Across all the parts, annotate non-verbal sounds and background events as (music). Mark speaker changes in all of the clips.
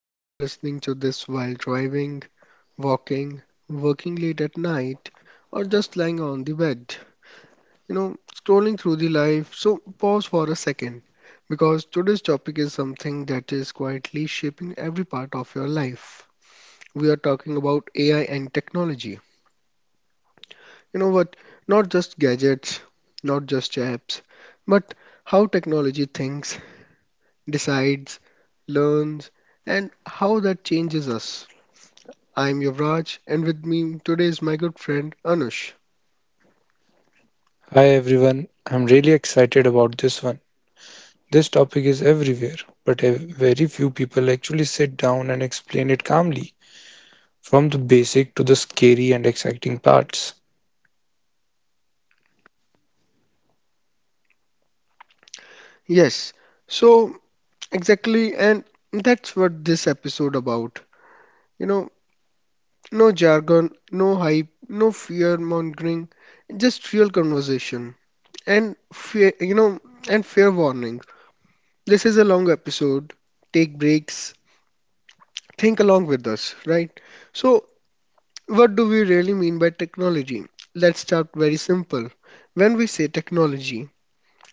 Speaker 1: If you are listening to this while driving, walking, working late at night, or just lying on the bed, scrolling through the life, so pause for a second because today's topic is something that is quietly shaping every part of your life. We are talking about AI and technology. You know what? Not just gadgets, not just apps, but how technology thinks, decides, learns, and how that changes us. I'm Yuvraj, and with me today is my good friend Anush.
Speaker 2: Hi everyone, I'm really excited about this one. This topic is everywhere, but very few people actually sit down and explain it calmly, from the basic to the scary and exciting parts.
Speaker 1: Yes, so exactly, and that's what this episode about. You know, no jargon, no hype, no fear mongering, just real conversation and fear, and fair warning. This is a long episode. Take breaks. Think along with us, right? So what do we really mean by technology? Let's start very simple. When we say technology,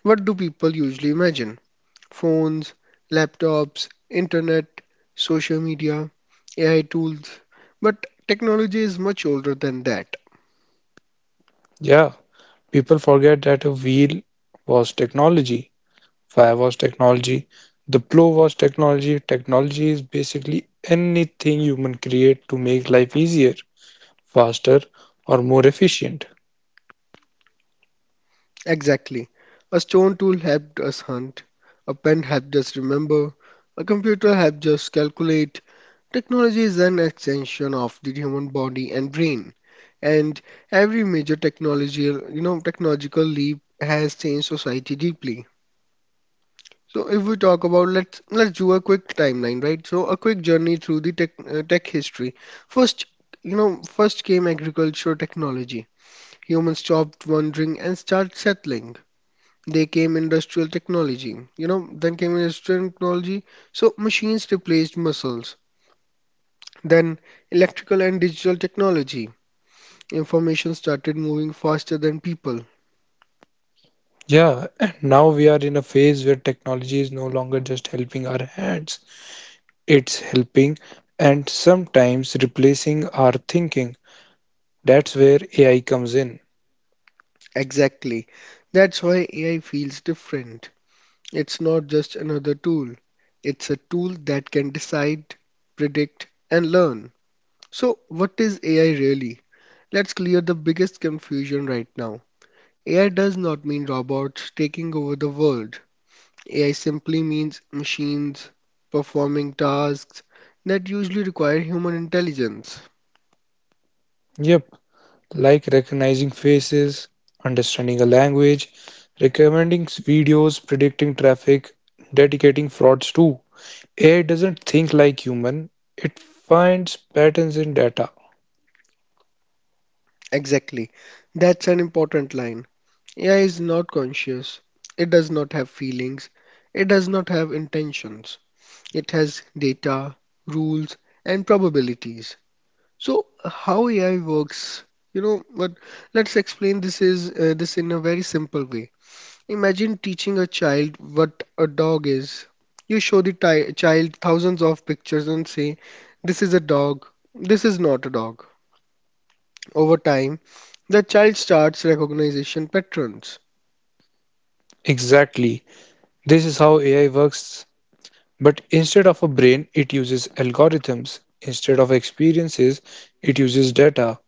Speaker 1: what do people usually imagine? Phones, laptops, internet, social media, AI tools. But technology is much older than that.
Speaker 2: Yeah, people forget that a wheel was technology, fire was technology, the plow was technology. Technology is basically anything human create to make life easier, faster, or more efficient.
Speaker 1: Exactly. A stone tool helped us hunt, a pen helped us remember, a computer helped us calculate. Technology is an extension of the human body and brain, and every major technology, technological leap has changed society deeply. So if we talk about, let's do a quick timeline, right? So a quick journey through the tech history. First, first came agriculture technology. Humans stopped wandering and started settling. They came industrial technology you know Then came industrial technology, so machines replaced muscles. Then electrical and digital technology, information started moving faster than people.
Speaker 2: Yeah, and now we are in a phase where technology is no longer just helping our hands, it's helping and sometimes replacing our thinking. That's where AI comes in.
Speaker 1: Exactly. That's why AI feels different. It's not just another tool, it's a tool that can decide, predict, and learn. So what is AI really? Let's clear the biggest confusion right now. AI does not mean robots taking over the world. AI simply means machines performing tasks that usually require human intelligence.
Speaker 2: Yep, like recognizing faces, understanding a language, recommending videos, predicting traffic, dedicating frauds too. AI doesn't think like human, it finds patterns in data.
Speaker 1: Exactly. That's an important line. AI is not conscious. It does not have feelings. It does not have intentions. It has data, rules, and probabilities. So, how AI works? You know, but Let's explain this in a very simple way. Imagine teaching a child what a dog is. You show the child thousands of pictures and say, this is a dog, this is not a dog. Over time, the child starts recognition patterns.
Speaker 2: Exactly. This is how AI works. But instead of a brain, it uses algorithms. Instead of experiences, it uses data.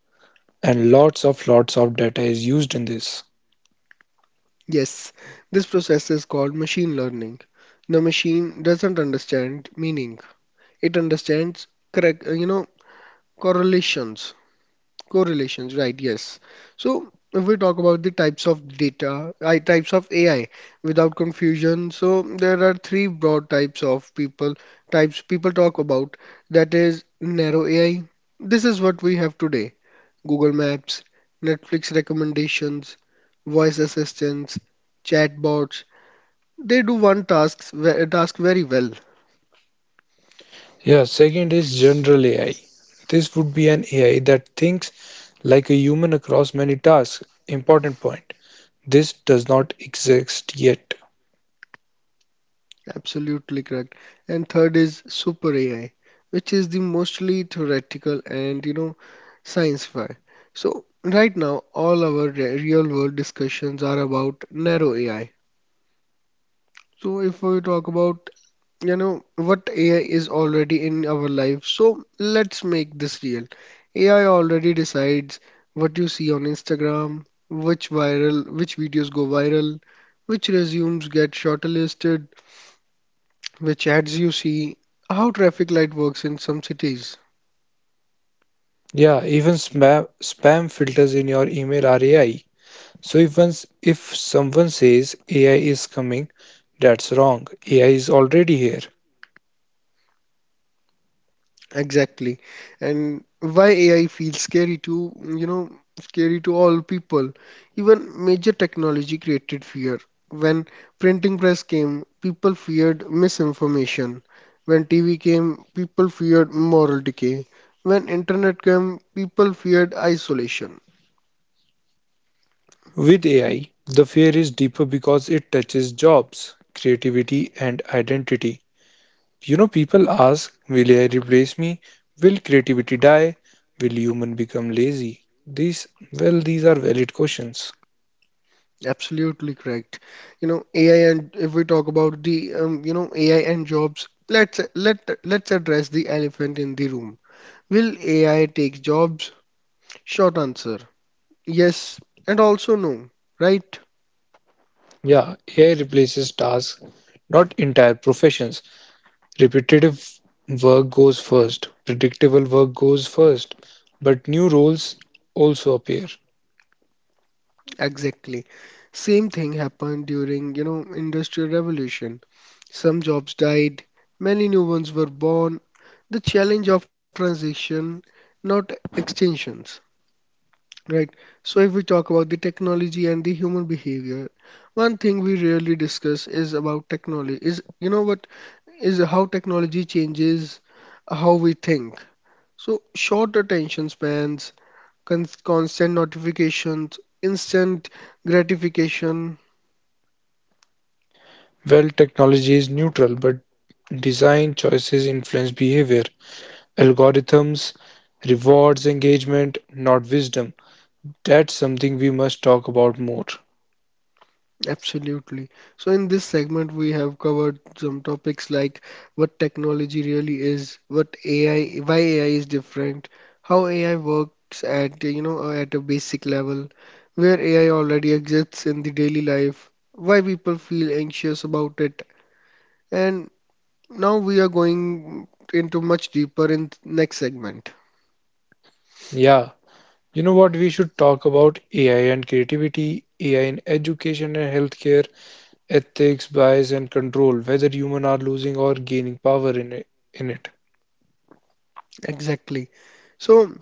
Speaker 2: And lots of data is used in this.
Speaker 1: Yes, this process is called machine learning. The machine doesn't understand meaning, it understands correct, you know, correlations. Correlations, right, yes. So if we talk about the types of AI without confusion. So there are three broad types people talk about. That is narrow AI. This is what we have today. Google Maps, Netflix recommendations, voice assistants, chatbots. They do task very well.
Speaker 2: Yeah, second is general AI. This would be an AI that thinks like a human across many tasks. Important point. This does not exist yet.
Speaker 1: Absolutely correct. And third is super AI, which is the mostly theoretical and science fi. So right now all our real world discussions are about narrow AI. So if we talk about, what AI is already in our life, so let's make this real. AI already decides what you see on Instagram, which videos go viral, which resumes get shortlisted, which adds you see, how traffic light works in some cities.
Speaker 2: Yeah, even spam filters in your email are AI. So if someone says AI is coming, that's wrong. AI is already here.
Speaker 1: Exactly. And why AI feels scary to all people. Even major technology created fear. When printing press came, people feared misinformation. When TV came, people feared moral decay. When internet came, people feared isolation.
Speaker 2: With AI, the fear is deeper because it touches jobs, creativity, and identity. You know, people ask, will AI replace me? Will creativity die? Will human become lazy? These are valid questions.
Speaker 1: Absolutely correct. You know, AI and If we talk about the AI and jobs, let's address the elephant in the room. Will AI take jobs? Short answer, yes, and also no, right?
Speaker 2: Yeah, AI replaces tasks, not entire professions. Repetitive work goes first, predictable work goes first, but new roles also appear.
Speaker 1: Exactly. Same thing happened during, Industrial Revolution. Some jobs died, many new ones were born. The challenge of transition, not extinction. Right. So if we talk about the technology and the human behavior, one thing we rarely discuss is about technology. Is you know what is how technology changes how we think. So short attention spans, constant notifications, instant gratification.
Speaker 2: Well, technology is neutral, but design choices influence behavior. Algorithms rewards engagement, not wisdom. That's something we must talk about more.
Speaker 1: Absolutely. So, in this segment, we have covered some topics like what technology really is, what AI, why AI is different, how AI works at, at a basic level, where AI already exists in the daily life, why people feel anxious about it, and now we are going into much deeper in next segment.
Speaker 2: Yeah, you know what? We should talk about AI and creativity, AI in education and healthcare, ethics, bias, and control, whether humans are losing or gaining power in it.
Speaker 1: Exactly. So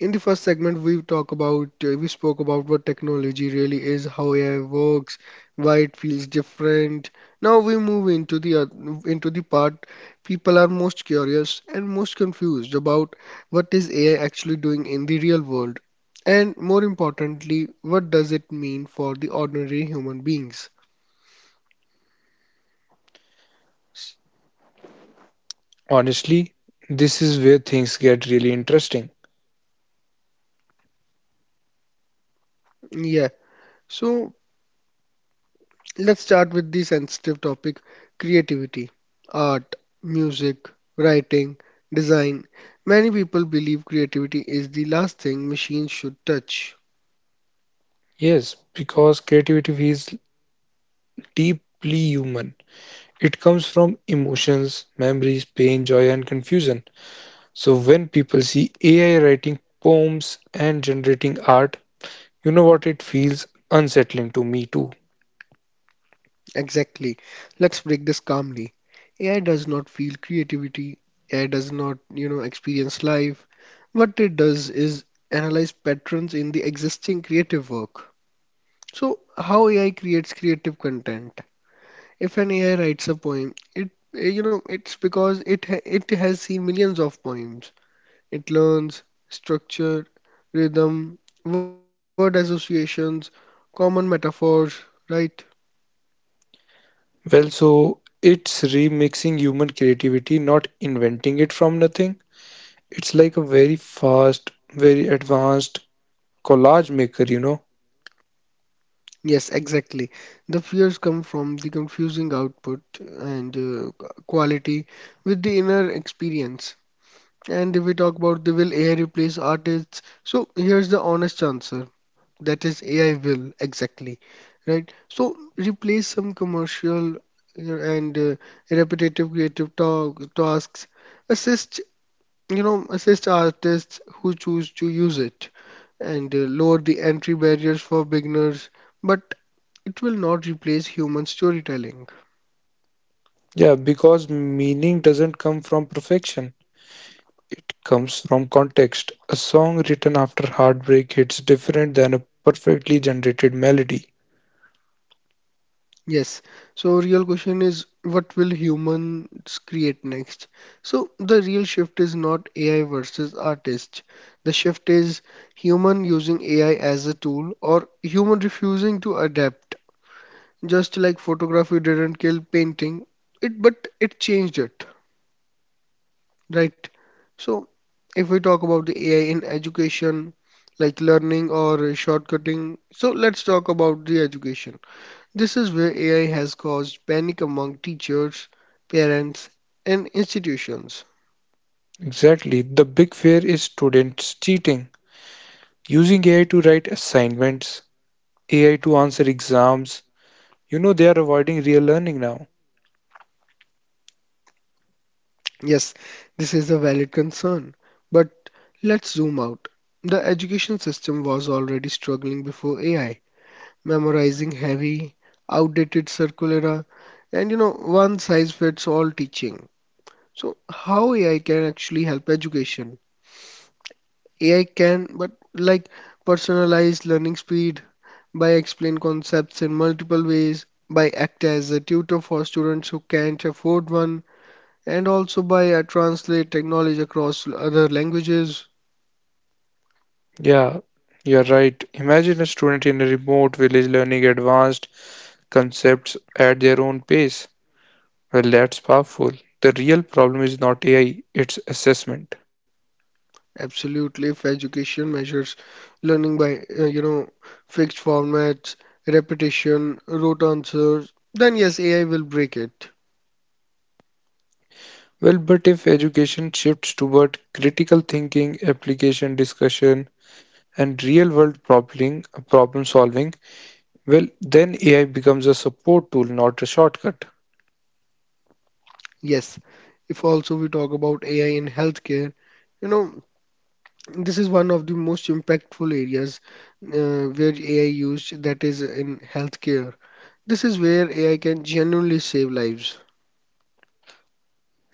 Speaker 1: in the first segment, we spoke about what technology really is, how AI works, why it feels different. Now we move into the into the part people are most curious and most confused about. What is AI actually doing in the real world, and more importantly, what does it mean for the ordinary human beings?
Speaker 2: Honestly, this is where things get really interesting.
Speaker 1: Yeah. So let's start with the sensitive topic: creativity, art, music, writing, design. Many people believe creativity is the last thing machines should touch.
Speaker 2: Yes, because creativity is deeply human. It comes from emotions, memories, pain, joy, and confusion. So when people see AI writing poems and generating art, you know what, it feels unsettling to me too.
Speaker 1: Exactly. Let's break this calmly. AI does not feel creativity, AI does not, experience life. What it does is analyze patterns in the existing creative work. So, how AI creates creative content? If an AI writes a poem, it, it's because it has seen millions of poems. It learns structure, rhythm, word associations, common metaphors, right?
Speaker 2: Well, so it's remixing human creativity, not inventing it from nothing. It's like a very fast, very advanced collage maker, you know.
Speaker 1: Yes, exactly. The fears come from the confusing output and quality with the inner experience. And if we talk about the will AI replace artists, so here's the honest answer. That is, AI will, exactly, right? So replace some commercial, you know, and repetitive creative ta tasks. Assist, assist artists who choose to use it, and lower the entry barriers for beginners. But it will not replace human storytelling.
Speaker 2: Yeah, because meaning doesn't come from perfection. It comes from context. A song written after heartbreak hits different than a perfectly generated melody.
Speaker 1: Yes. So real question is, what will humans create next? So the real shift is not AI versus artist. The shift is human using AI as a tool or human refusing to adapt. Just like photography didn't kill painting, it but it changed it, right? So if we talk about the AI in education, like learning or shortcutting, so let's talk about the education. This is where AI has caused panic among teachers, parents, and institutions.
Speaker 2: Exactly. The big fear is students cheating, using AI to write assignments, AI to answer exams. You know, they are avoiding real learning now.
Speaker 1: Yes, this is a valid concern, but let's zoom out. The education system was already struggling before AI, memorizing heavy, outdated circulara, and, one size fits all teaching. So, how AI can actually help education? AI can, but like personalized learning speed, by explain concepts in multiple ways, by act as a tutor for students who can't afford one, and also by translate knowledge across other languages.
Speaker 2: Yeah, you're right. Imagine a student in a remote village learning advanced concepts at their own pace. Well, that's powerful. The real problem is not AI, it's assessment.
Speaker 1: Absolutely, if education measures learning by fixed formats, repetition, rote answers, then yes, AI will break it.
Speaker 2: Well, but if education shifts toward critical thinking, application discussion, and real world problem solving, well, then AI becomes a support tool, not a shortcut.
Speaker 1: Yes, if also we talk about AI in healthcare, you know, this is one of the most impactful areas where AI used, that is in healthcare. This is where AI can genuinely save lives.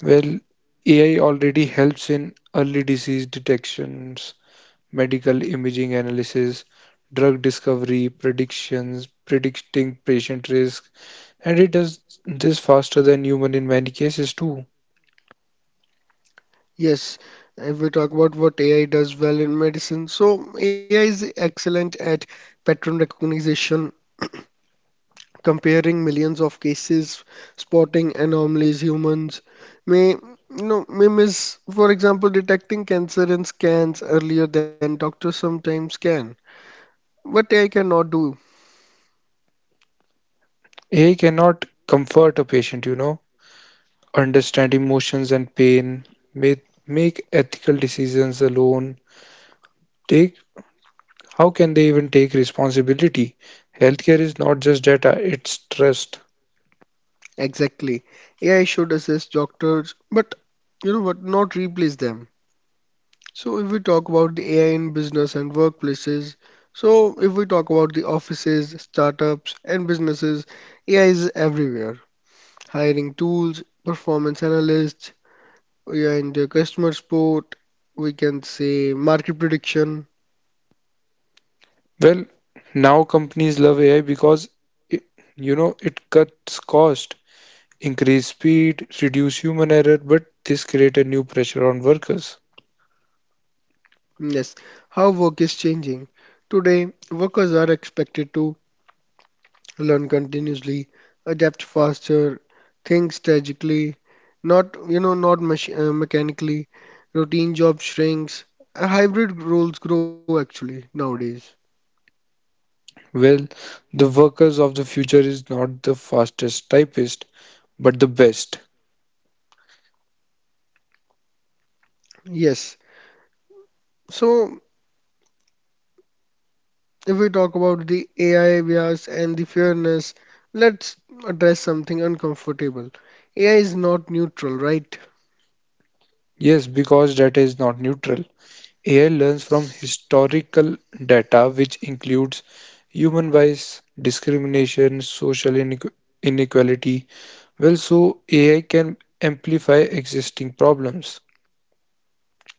Speaker 2: Well, AI already helps in early disease detections, medical imaging analysis, drug discovery, predicting patient risk, and it does this faster than human in many cases too.
Speaker 1: Yes, if we talk about what AI does well in medicine, so AI is excellent at pattern recognition, comparing millions of cases, spotting anomalies humans may may miss. For example, detecting cancer in scans earlier than doctors sometimes can. What AI cannot do.
Speaker 2: AI cannot comfort a patient, you know, understand emotions and pain, may make ethical decisions alone, take how can they even take responsibility? Healthcare is not just data, it's trust.
Speaker 1: Exactly. AI should assist doctors, but, not replace them. So if we talk about the AI in business and workplaces, so if we talk about the offices, startups and businesses, AI is everywhere. Hiring tools, performance analysts, yeah, in the customer support, we can say market prediction.
Speaker 2: Well, now companies love AI because it, you know it cuts cost, increase speed, reduce human error, but this create a new pressure on workers.
Speaker 1: Yes, how work is changing. Today, workers are expected to learn continuously, adapt faster, think strategically, not you know not mach- mechanically. Routine job shrinks. Hybrid roles grow actually nowadays.
Speaker 2: Well, the workers of the future is not the fastest typist, but the best.
Speaker 1: Yes. So if we talk about the AI bias and the fairness, let's address something uncomfortable. AI is not neutral, right?
Speaker 2: Yes, because data is not neutral. AI learns from historical data, which includes human bias, discrimination, social inequality. Well, so AI can amplify existing problems.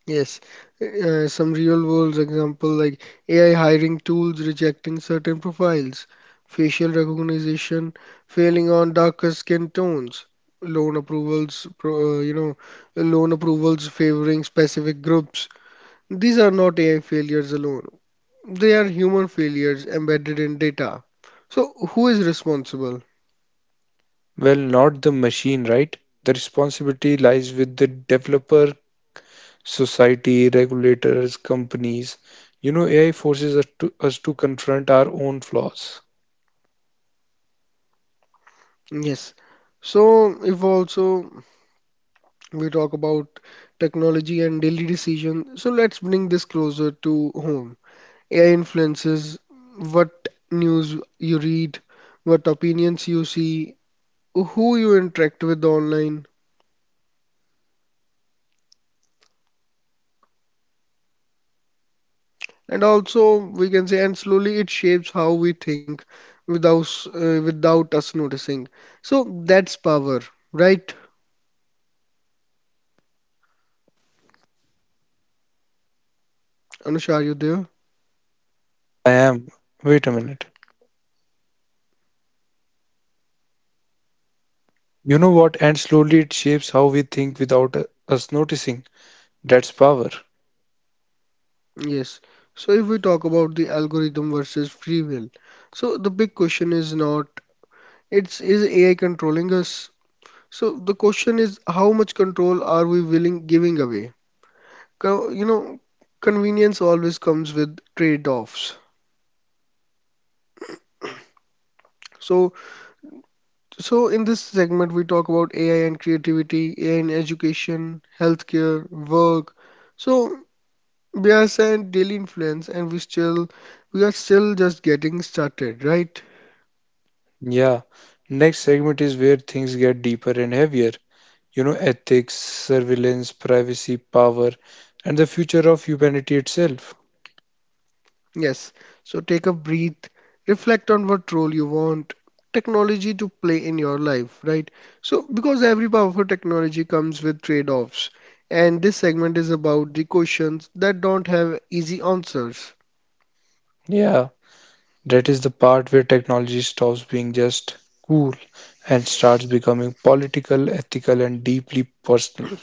Speaker 1: Yes, some real world example like AI hiring tools rejecting certain profiles, facial recognition failing on darker skin tones, loan approvals, pro, you know, loan approvals favoring specific groups. These are not AI failures alone. They are human failures embedded in data. So who is responsible?
Speaker 2: Well, not the machine, right? The responsibility lies with the developer, society, regulators, companies. You know, AI forces us to confront our own flaws.
Speaker 1: Yes. So if also we talk about technology and daily decision. So let's bring this closer to home. AI influences what news you read, what opinions you see, who you interact with online, and also we can say, and slowly it shapes how we think without us noticing. So that's power, right? Anusha, are you there?
Speaker 2: I am. Wait a minute. You know what? And slowly it shapes how we think without us noticing. That's power.
Speaker 1: Yes. So if we talk about the algorithm versus free will, so the big question is not, It's is AI controlling us? So the question is, how much control are we willing giving away? Co- You know, convenience always comes with trade-offs. So, so in this segment, we talk about AI and creativity, AI in education, healthcare, work. So bias and daily influence, and we are still just getting started, right?
Speaker 2: Yeah. Next segment is where things get deeper and heavier. You know, ethics, surveillance, privacy, power, and the future of humanity itself.
Speaker 1: Yes, so take a breath, reflect on what role you want technology to play in your life, right? So, because every powerful technology comes with trade-offs, and this segment is about the questions that don't have easy answers.
Speaker 2: Yeah. That is the part where technology stops being just cool and starts becoming political, ethical, and deeply personal.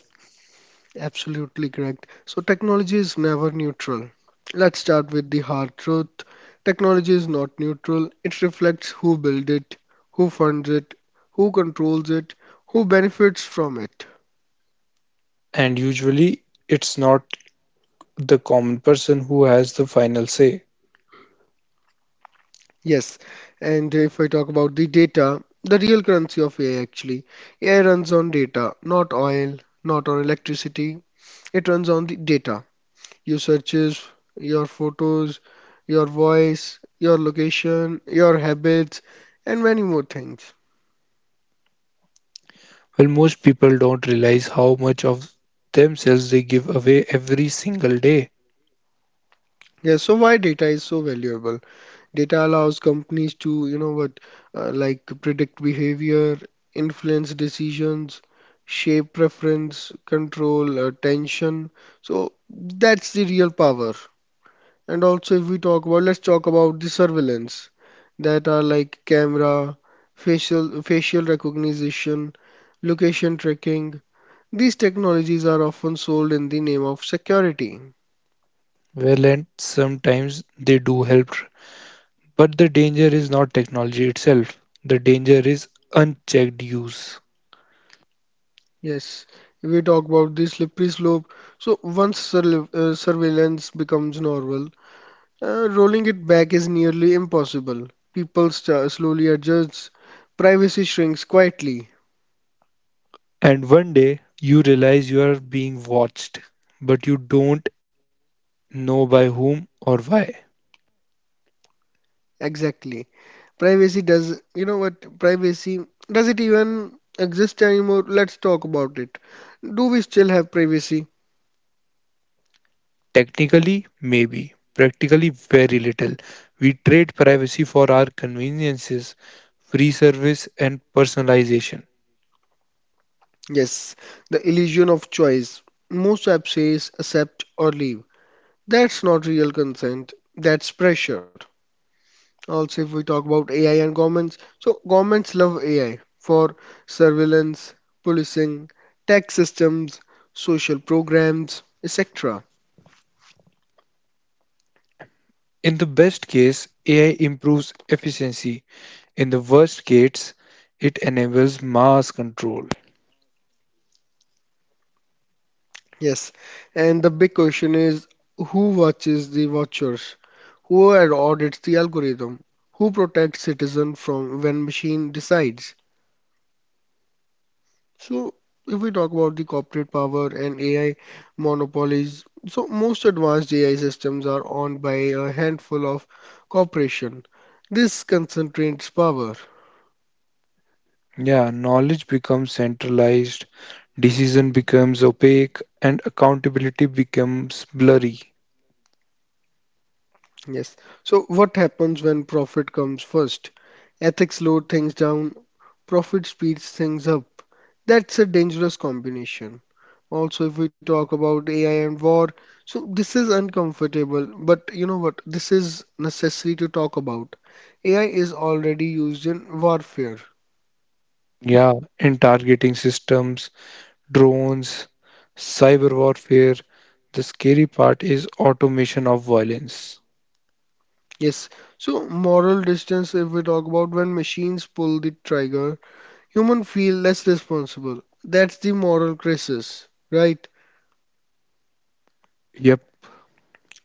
Speaker 1: Absolutely correct. So, technology is never neutral. Let's start with the hard truth. Technology is not neutral. It reflects who built it, who funds it, who controls it, who benefits from it.
Speaker 2: And usually, it's not the common person who has the final say.
Speaker 1: Yes, and if I talk about the data, the real currency of AI actually, AI runs on data, not oil, not on electricity. It runs on the data. Your searches, your photos, your voice, your location, your habits, and many more things.
Speaker 2: Well, most people don't realize how much of themselves they give away every single day.
Speaker 1: Yes, so why data is so valuable? Data allows companies to, like predict behavior, influence decisions, shape preference, control tension. So that's the real power. And also, if we talk about, let's talk about the surveillance that are like camera, facial recognition, location tracking. These technologies are often sold in the name of security.
Speaker 2: Well, and sometimes they do help, but the danger is not technology itself. The danger is unchecked use.
Speaker 1: Yes, if we talk about the slippery slope. So once surveillance becomes normal, rolling it back is nearly impossible. People sta slowly adjust. Privacy shrinks quietly.
Speaker 2: And one day you realize you are being watched, but you don't know by whom or why.
Speaker 1: Exactly. Privacy does, you know what? Privacy, does it even exist anymore? Let's talk about it. Do we still have privacy?
Speaker 2: Technically, maybe. Practically, very little. We trade privacy for our conveniences, free service, and personalization.
Speaker 1: Yes, the illusion of choice. Most apps says accept or leave. That's not real consent, that's pressure. Also, if we talk about AI and governments, so governments love AI for surveillance, policing, tax systems, social programs, etc.
Speaker 2: In the best case, AI improves efficiency. In the worst case, it enables mass control.
Speaker 1: Yes, and the big question is, who watches the watchers? Who audits the algorithm? Who protects citizens from when machine decides? So, if we talk about the corporate power and AI monopolies, so most advanced AI systems are owned by a handful of corporations. This concentrates power.
Speaker 2: Yeah, knowledge becomes centralized, decision becomes opaque, and accountability becomes blurry.
Speaker 1: Yes. So, what happens when profit comes first? Ethics slow things down. Profit speeds things up. That's a dangerous combination. Also, if we talk about AI and war, so this is uncomfortable, but you know what? This is necessary to talk about. AI is already used in warfare.
Speaker 2: Yeah, in targeting systems, drones, cyber warfare, the scary part is automation of violence.
Speaker 1: Yes, so moral distance, if we talk about when machines pull the trigger, humans feel less responsible. That's the moral crisis, right?
Speaker 2: Yep.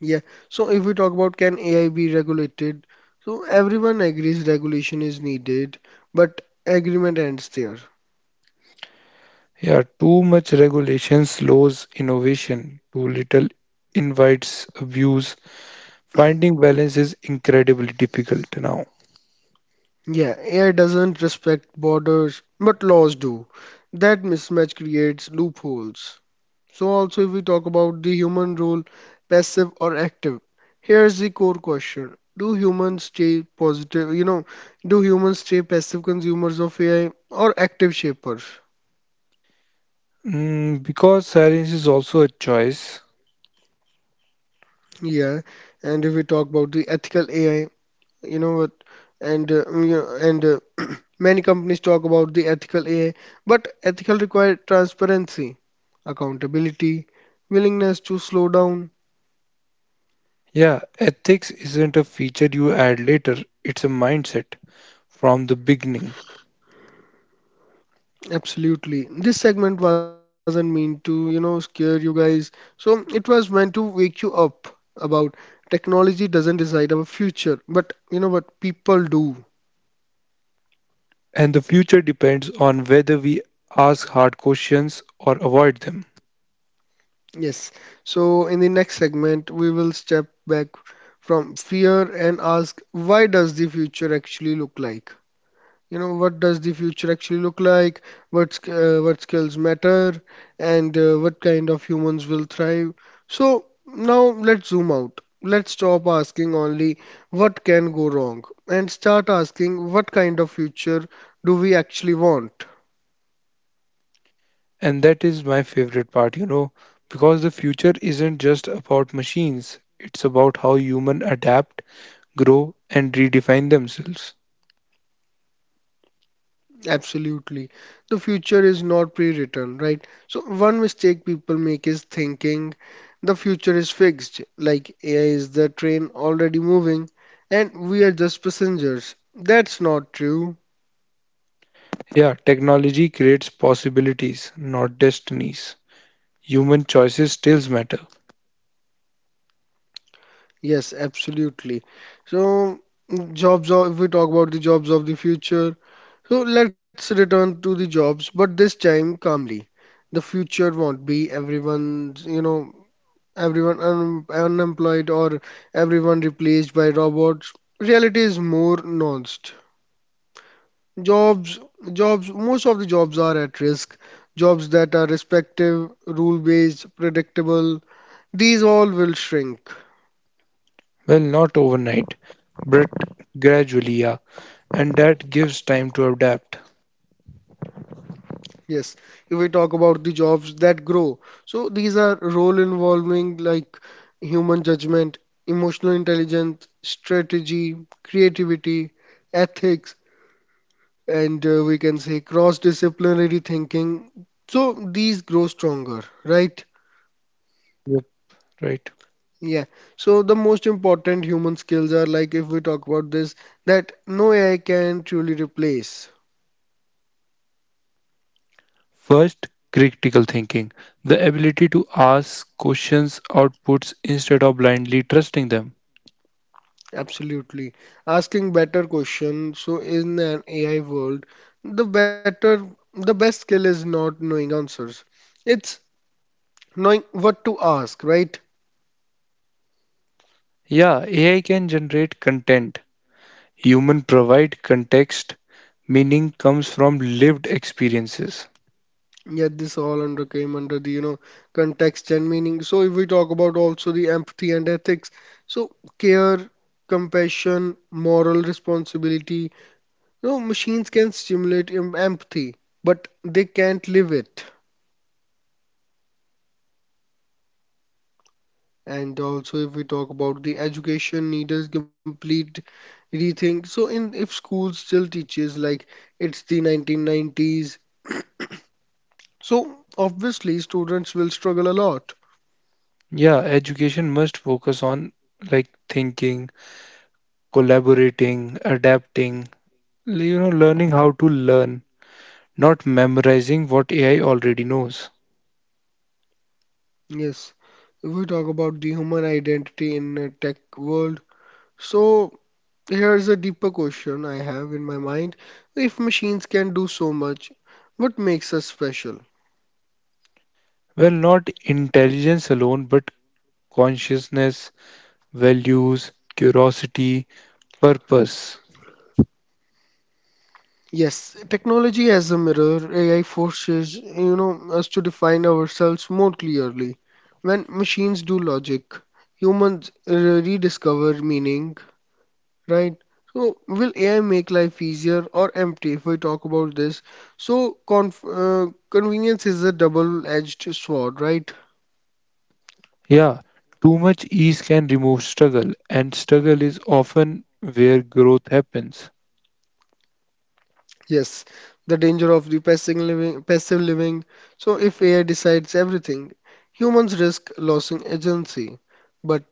Speaker 1: Yeah. So if we talk about can AI be regulated, so everyone agrees regulation is needed, but agreement ends there.
Speaker 2: Yeah, too much regulation slows innovation, too little invites abuse. Finding balance is incredibly difficult now.
Speaker 1: Yeah, AI doesn't respect borders, but laws do. That mismatch creates loopholes. So also if we talk about the human role, passive or active, here's the core question. Do humans stay positive, do humans stay passive consumers of AI or active shapers?
Speaker 2: Because silence is also a choice.
Speaker 1: Yeah. And if we talk about the ethical AI, you know what and mm, you know, and (clears throat) many companies talk about the ethical AI, but ethical require transparency, accountability, willingness to slow down.
Speaker 2: Yeah, ethics isn't a feature you add later, it's a mindset from the beginning.
Speaker 1: Absolutely, this segment wasn't meant to, scare you guys, so it was meant to wake you up about technology doesn't decide our future, but you know what people do.
Speaker 2: And the future depends on whether we ask hard questions or avoid them.
Speaker 1: Yes. So in the next segment, we will step back from fear and ask, why does the future actually look like? What does the future actually look like? What skills matter, and what kind of humans will thrive? So now let's zoom out. Let's stop asking only what can go wrong and start asking what kind of future do we actually want?
Speaker 2: And that is my favorite part, because the future isn't just about machines, it's about how humans adapt, grow, and redefine themselves.
Speaker 1: Absolutely. The future is not pre-written, right? So one mistake people make is thinking the future is fixed, like AI is the train already moving and we are just passengers. That's not true.
Speaker 2: Yeah, technology creates possibilities, not destinies. Human choices still matter.
Speaker 1: Yes, absolutely. So if we talk about the jobs of the future, so let's return to the jobs, but this time calmly. The future won't be everyone's, everyone unemployed or everyone replaced by robots. Reality is more nuanced. Jobs, most of the jobs are at risk. Jobs that are respective, rule-based, predictable, these all will shrink.
Speaker 2: Well, not overnight, but gradually, yeah. And that gives time to adapt.
Speaker 1: Yes, if we talk about the jobs that grow. So these are role involving like human judgment, emotional intelligence, strategy, creativity, ethics, and we can say cross-disciplinary thinking. So these grow stronger, right?
Speaker 2: Yep. Right.
Speaker 1: Yeah. So the most important human skills are like if we talk about this, that no AI can truly replace.
Speaker 2: First, critical thinking, the ability to ask questions, outputs, instead of blindly trusting them.
Speaker 1: Absolutely. Asking better questions. So in an AI world, the better, the best skill is not knowing answers. It's knowing what to ask, right?
Speaker 2: Yeah, AI can generate content. Human provide context. Meaning comes from lived experiences.
Speaker 1: Yet this all under came under the context and meaning. So if we talk about also the empathy and ethics, so care, compassion, moral responsibility, you know machines can stimulate empathy, but they can't live it. And also if we talk about the education needed complete rethink. So in if school still teaches like it's the 1990s, so obviously students will struggle a lot.
Speaker 2: Yeah, education must focus on like thinking, collaborating, adapting, learning how to learn. Not memorizing what AI already knows.
Speaker 1: Yes, if we talk about the human identity in a tech world, so here's a deeper question I have in my mind. If machines can do so much, what makes us special?
Speaker 2: Well, not intelligence alone, but consciousness, values, curiosity, purpose.
Speaker 1: Yes, technology as a mirror, AI forces, us to define ourselves more clearly. When machines do logic, humans rediscover meaning. Right. So, will AI make life easier or empty if we talk about this? So, conf convenience is a double-edged sword, right?
Speaker 2: Yeah, too much ease can remove struggle, and struggle is often where growth happens.
Speaker 1: Yes. The danger of the passive living, passive living. So, if AI decides everything, humans risk losing agency. But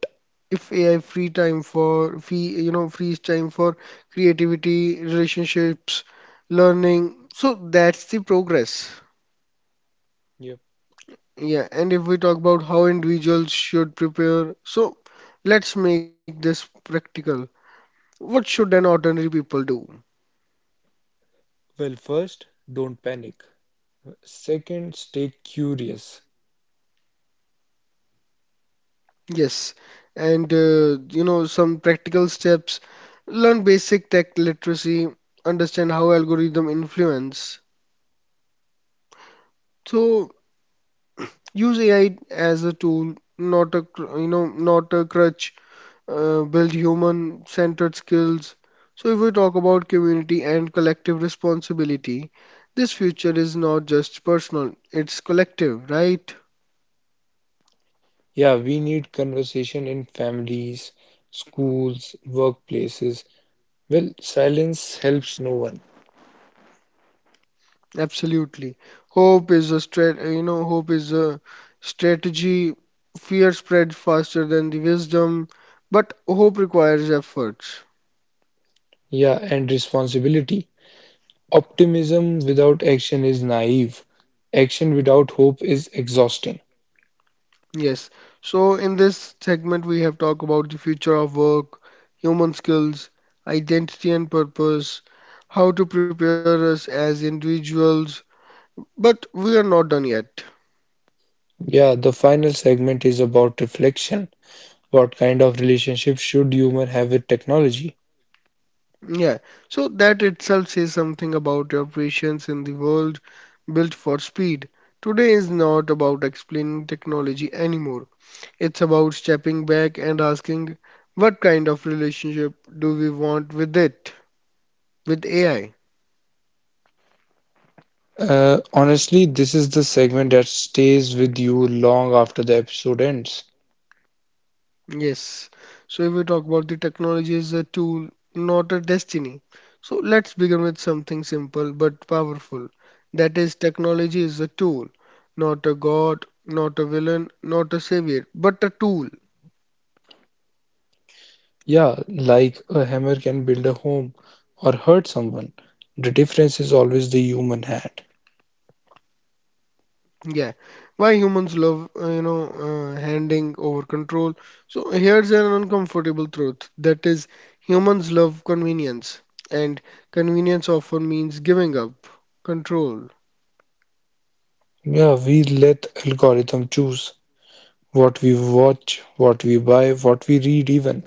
Speaker 1: if AI free, frees time for creativity, relationships, learning, so that's the progress.
Speaker 2: Yep.
Speaker 1: Yeah, and if we talk about how individuals should prepare, so let's make this practical. What should an ordinary people do?
Speaker 2: Well, first, don't panic. Second, stay curious.
Speaker 1: Yes, and some practical steps. Learn basic tech literacy, understand how algorithm influence. So use AI as a tool, not a cr- you know, not a crutch. Build human centered skills. So, if we talk about community and collective responsibility, this future is not just personal, it's collective, right?
Speaker 2: Yeah, we need conversation in families, schools, workplaces. Well, silence helps no one.
Speaker 1: Absolutely. Hope is a strategy. Fear spreads faster than the wisdom, but hope requires efforts.
Speaker 2: Yeah, and responsibility. Optimism without action is naive. Action without hope is exhausting.
Speaker 1: Yes. So in this segment, we have talked about the future of work, human skills, identity and purpose, how to prepare us as individuals. But we are not done yet.
Speaker 2: Yeah, the final segment is about reflection. What kind of relationship should human have with technology?
Speaker 1: Yeah. So that itself says something about your patience in the world built for speed. Today is not about explaining technology anymore. It's about stepping back and asking what kind of relationship do we want with it, with AI?
Speaker 2: Honestly, this is the segment that stays with you long after the episode ends.
Speaker 1: Yes. So if we talk about the technology is a tool, not a destiny. So let's begin with something simple but powerful. That is, technology is a tool, not a god, not a villain, not a savior, but a tool.
Speaker 2: Yeah, like a hammer can build a home or hurt someone. The difference is always the human hand.
Speaker 1: Yeah. Why humans love, handing over control. So here's an uncomfortable truth. That is, humans love convenience, and convenience often means giving up control.
Speaker 2: Yeah, we let algorithm choose what we watch, what we buy, what we read even.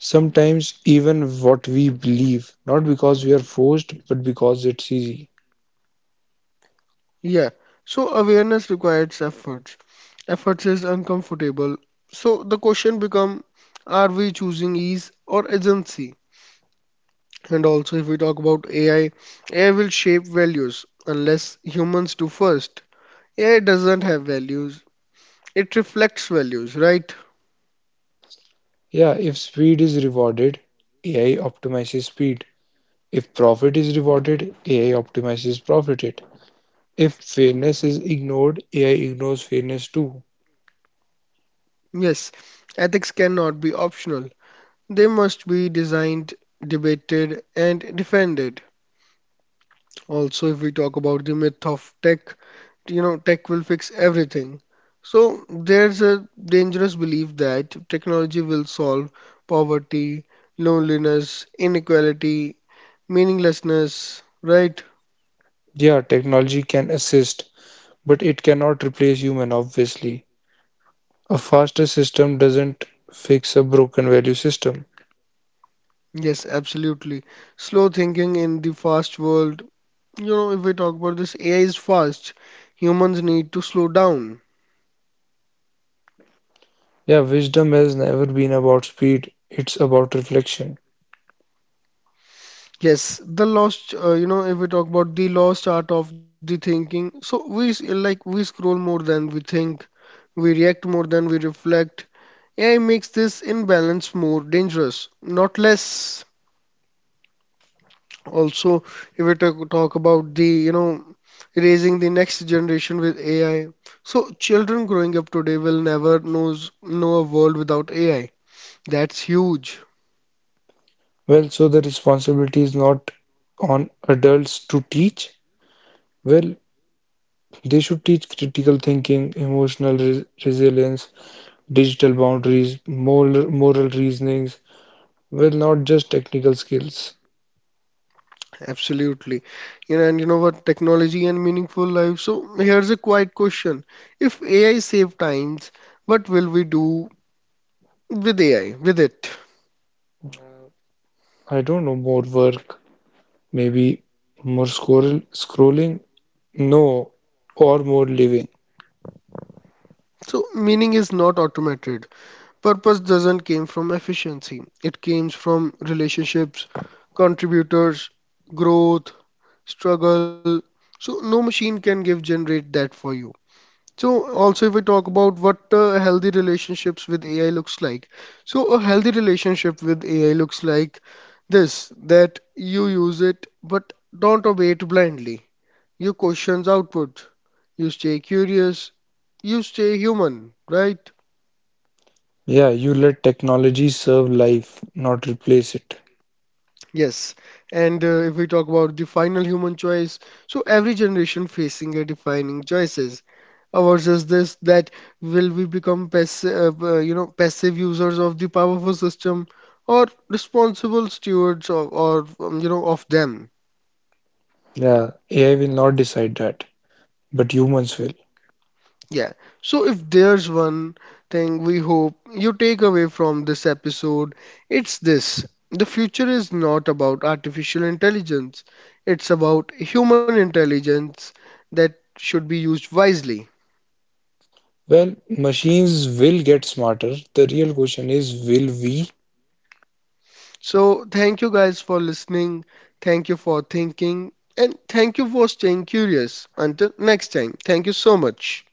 Speaker 2: Sometimes even what we believe, not because we are forced, but because it's easy.
Speaker 1: Yeah, so awareness requires efforts. Efforts is uncomfortable. So the question become, are we choosing ease or agency? And also if we talk about AI, AI will shape values unless humans do first. AI doesn't have values. It reflects values, right?
Speaker 2: Yeah, if speed is rewarded, AI optimizes speed. If profit is rewarded, AI optimizes profit it. If fairness is ignored, AI ignores fairness too.
Speaker 1: Yes, ethics cannot be optional. They must be designed, debated, and defended. Also, if we talk about the myth of tech, you know tech will fix everything, so there's a dangerous belief that technology will solve poverty, loneliness, inequality, meaninglessness, right?
Speaker 2: Yeah, technology can assist, but it cannot replace human, obviously. A faster system doesn't fix a broken value system.
Speaker 1: Yes, absolutely. Slow thinking in the fast world, if we talk about this, AI is fast, humans need to slow down.
Speaker 2: Yeah, wisdom has never been about speed, it's about reflection.
Speaker 1: Yes, the lost, you know, if we talk about the lost art of the thinking, so like we scroll more than we think, we react more than we reflect, AI makes this imbalance more dangerous, not less. Also, if we talk about raising the next generation with AI, so children growing up today will never know a world without AI. That's huge.
Speaker 2: Well, so the responsibility is not on adults to teach. Well, they should teach critical thinking, emotional resilience, digital boundaries, moral reasonings. Well, not just technical skills.
Speaker 1: Absolutely. You know, and you know what? Technology and meaningful life. So here's a quiet question. If AI save times, what will we do with it?
Speaker 2: I don't know, more work, maybe more scrolling, no, or more living.
Speaker 1: So meaning is not automated. Purpose doesn't came from efficiency. It came from relationships, contributors, growth, struggle. So no machine can give generate that for you. So also if we talk about what healthy relationships with AI looks like. So a healthy relationship with AI looks like this that you use it but don't obey it blindly. You questions output. You stay curious. You stay human, right?
Speaker 2: Yeah, you let technology serve life, not replace it.
Speaker 1: Yes, and if we talk about the final human choice, so every generation facing a defining choices. Ours is this that will we become passive users of the powerful system, or responsible stewards of, of them.
Speaker 2: Yeah, AI will not decide that, but humans will.
Speaker 1: Yeah. So if there's one thing we hope you take away from this episode, it's this. The future is not about artificial intelligence. It's about human intelligence that should be used wisely.
Speaker 2: Well, machines will get smarter. The real question is, will we?
Speaker 1: So thank you guys for listening. Thank you for thinking. And thank you for staying curious. Until next time, thank you so much.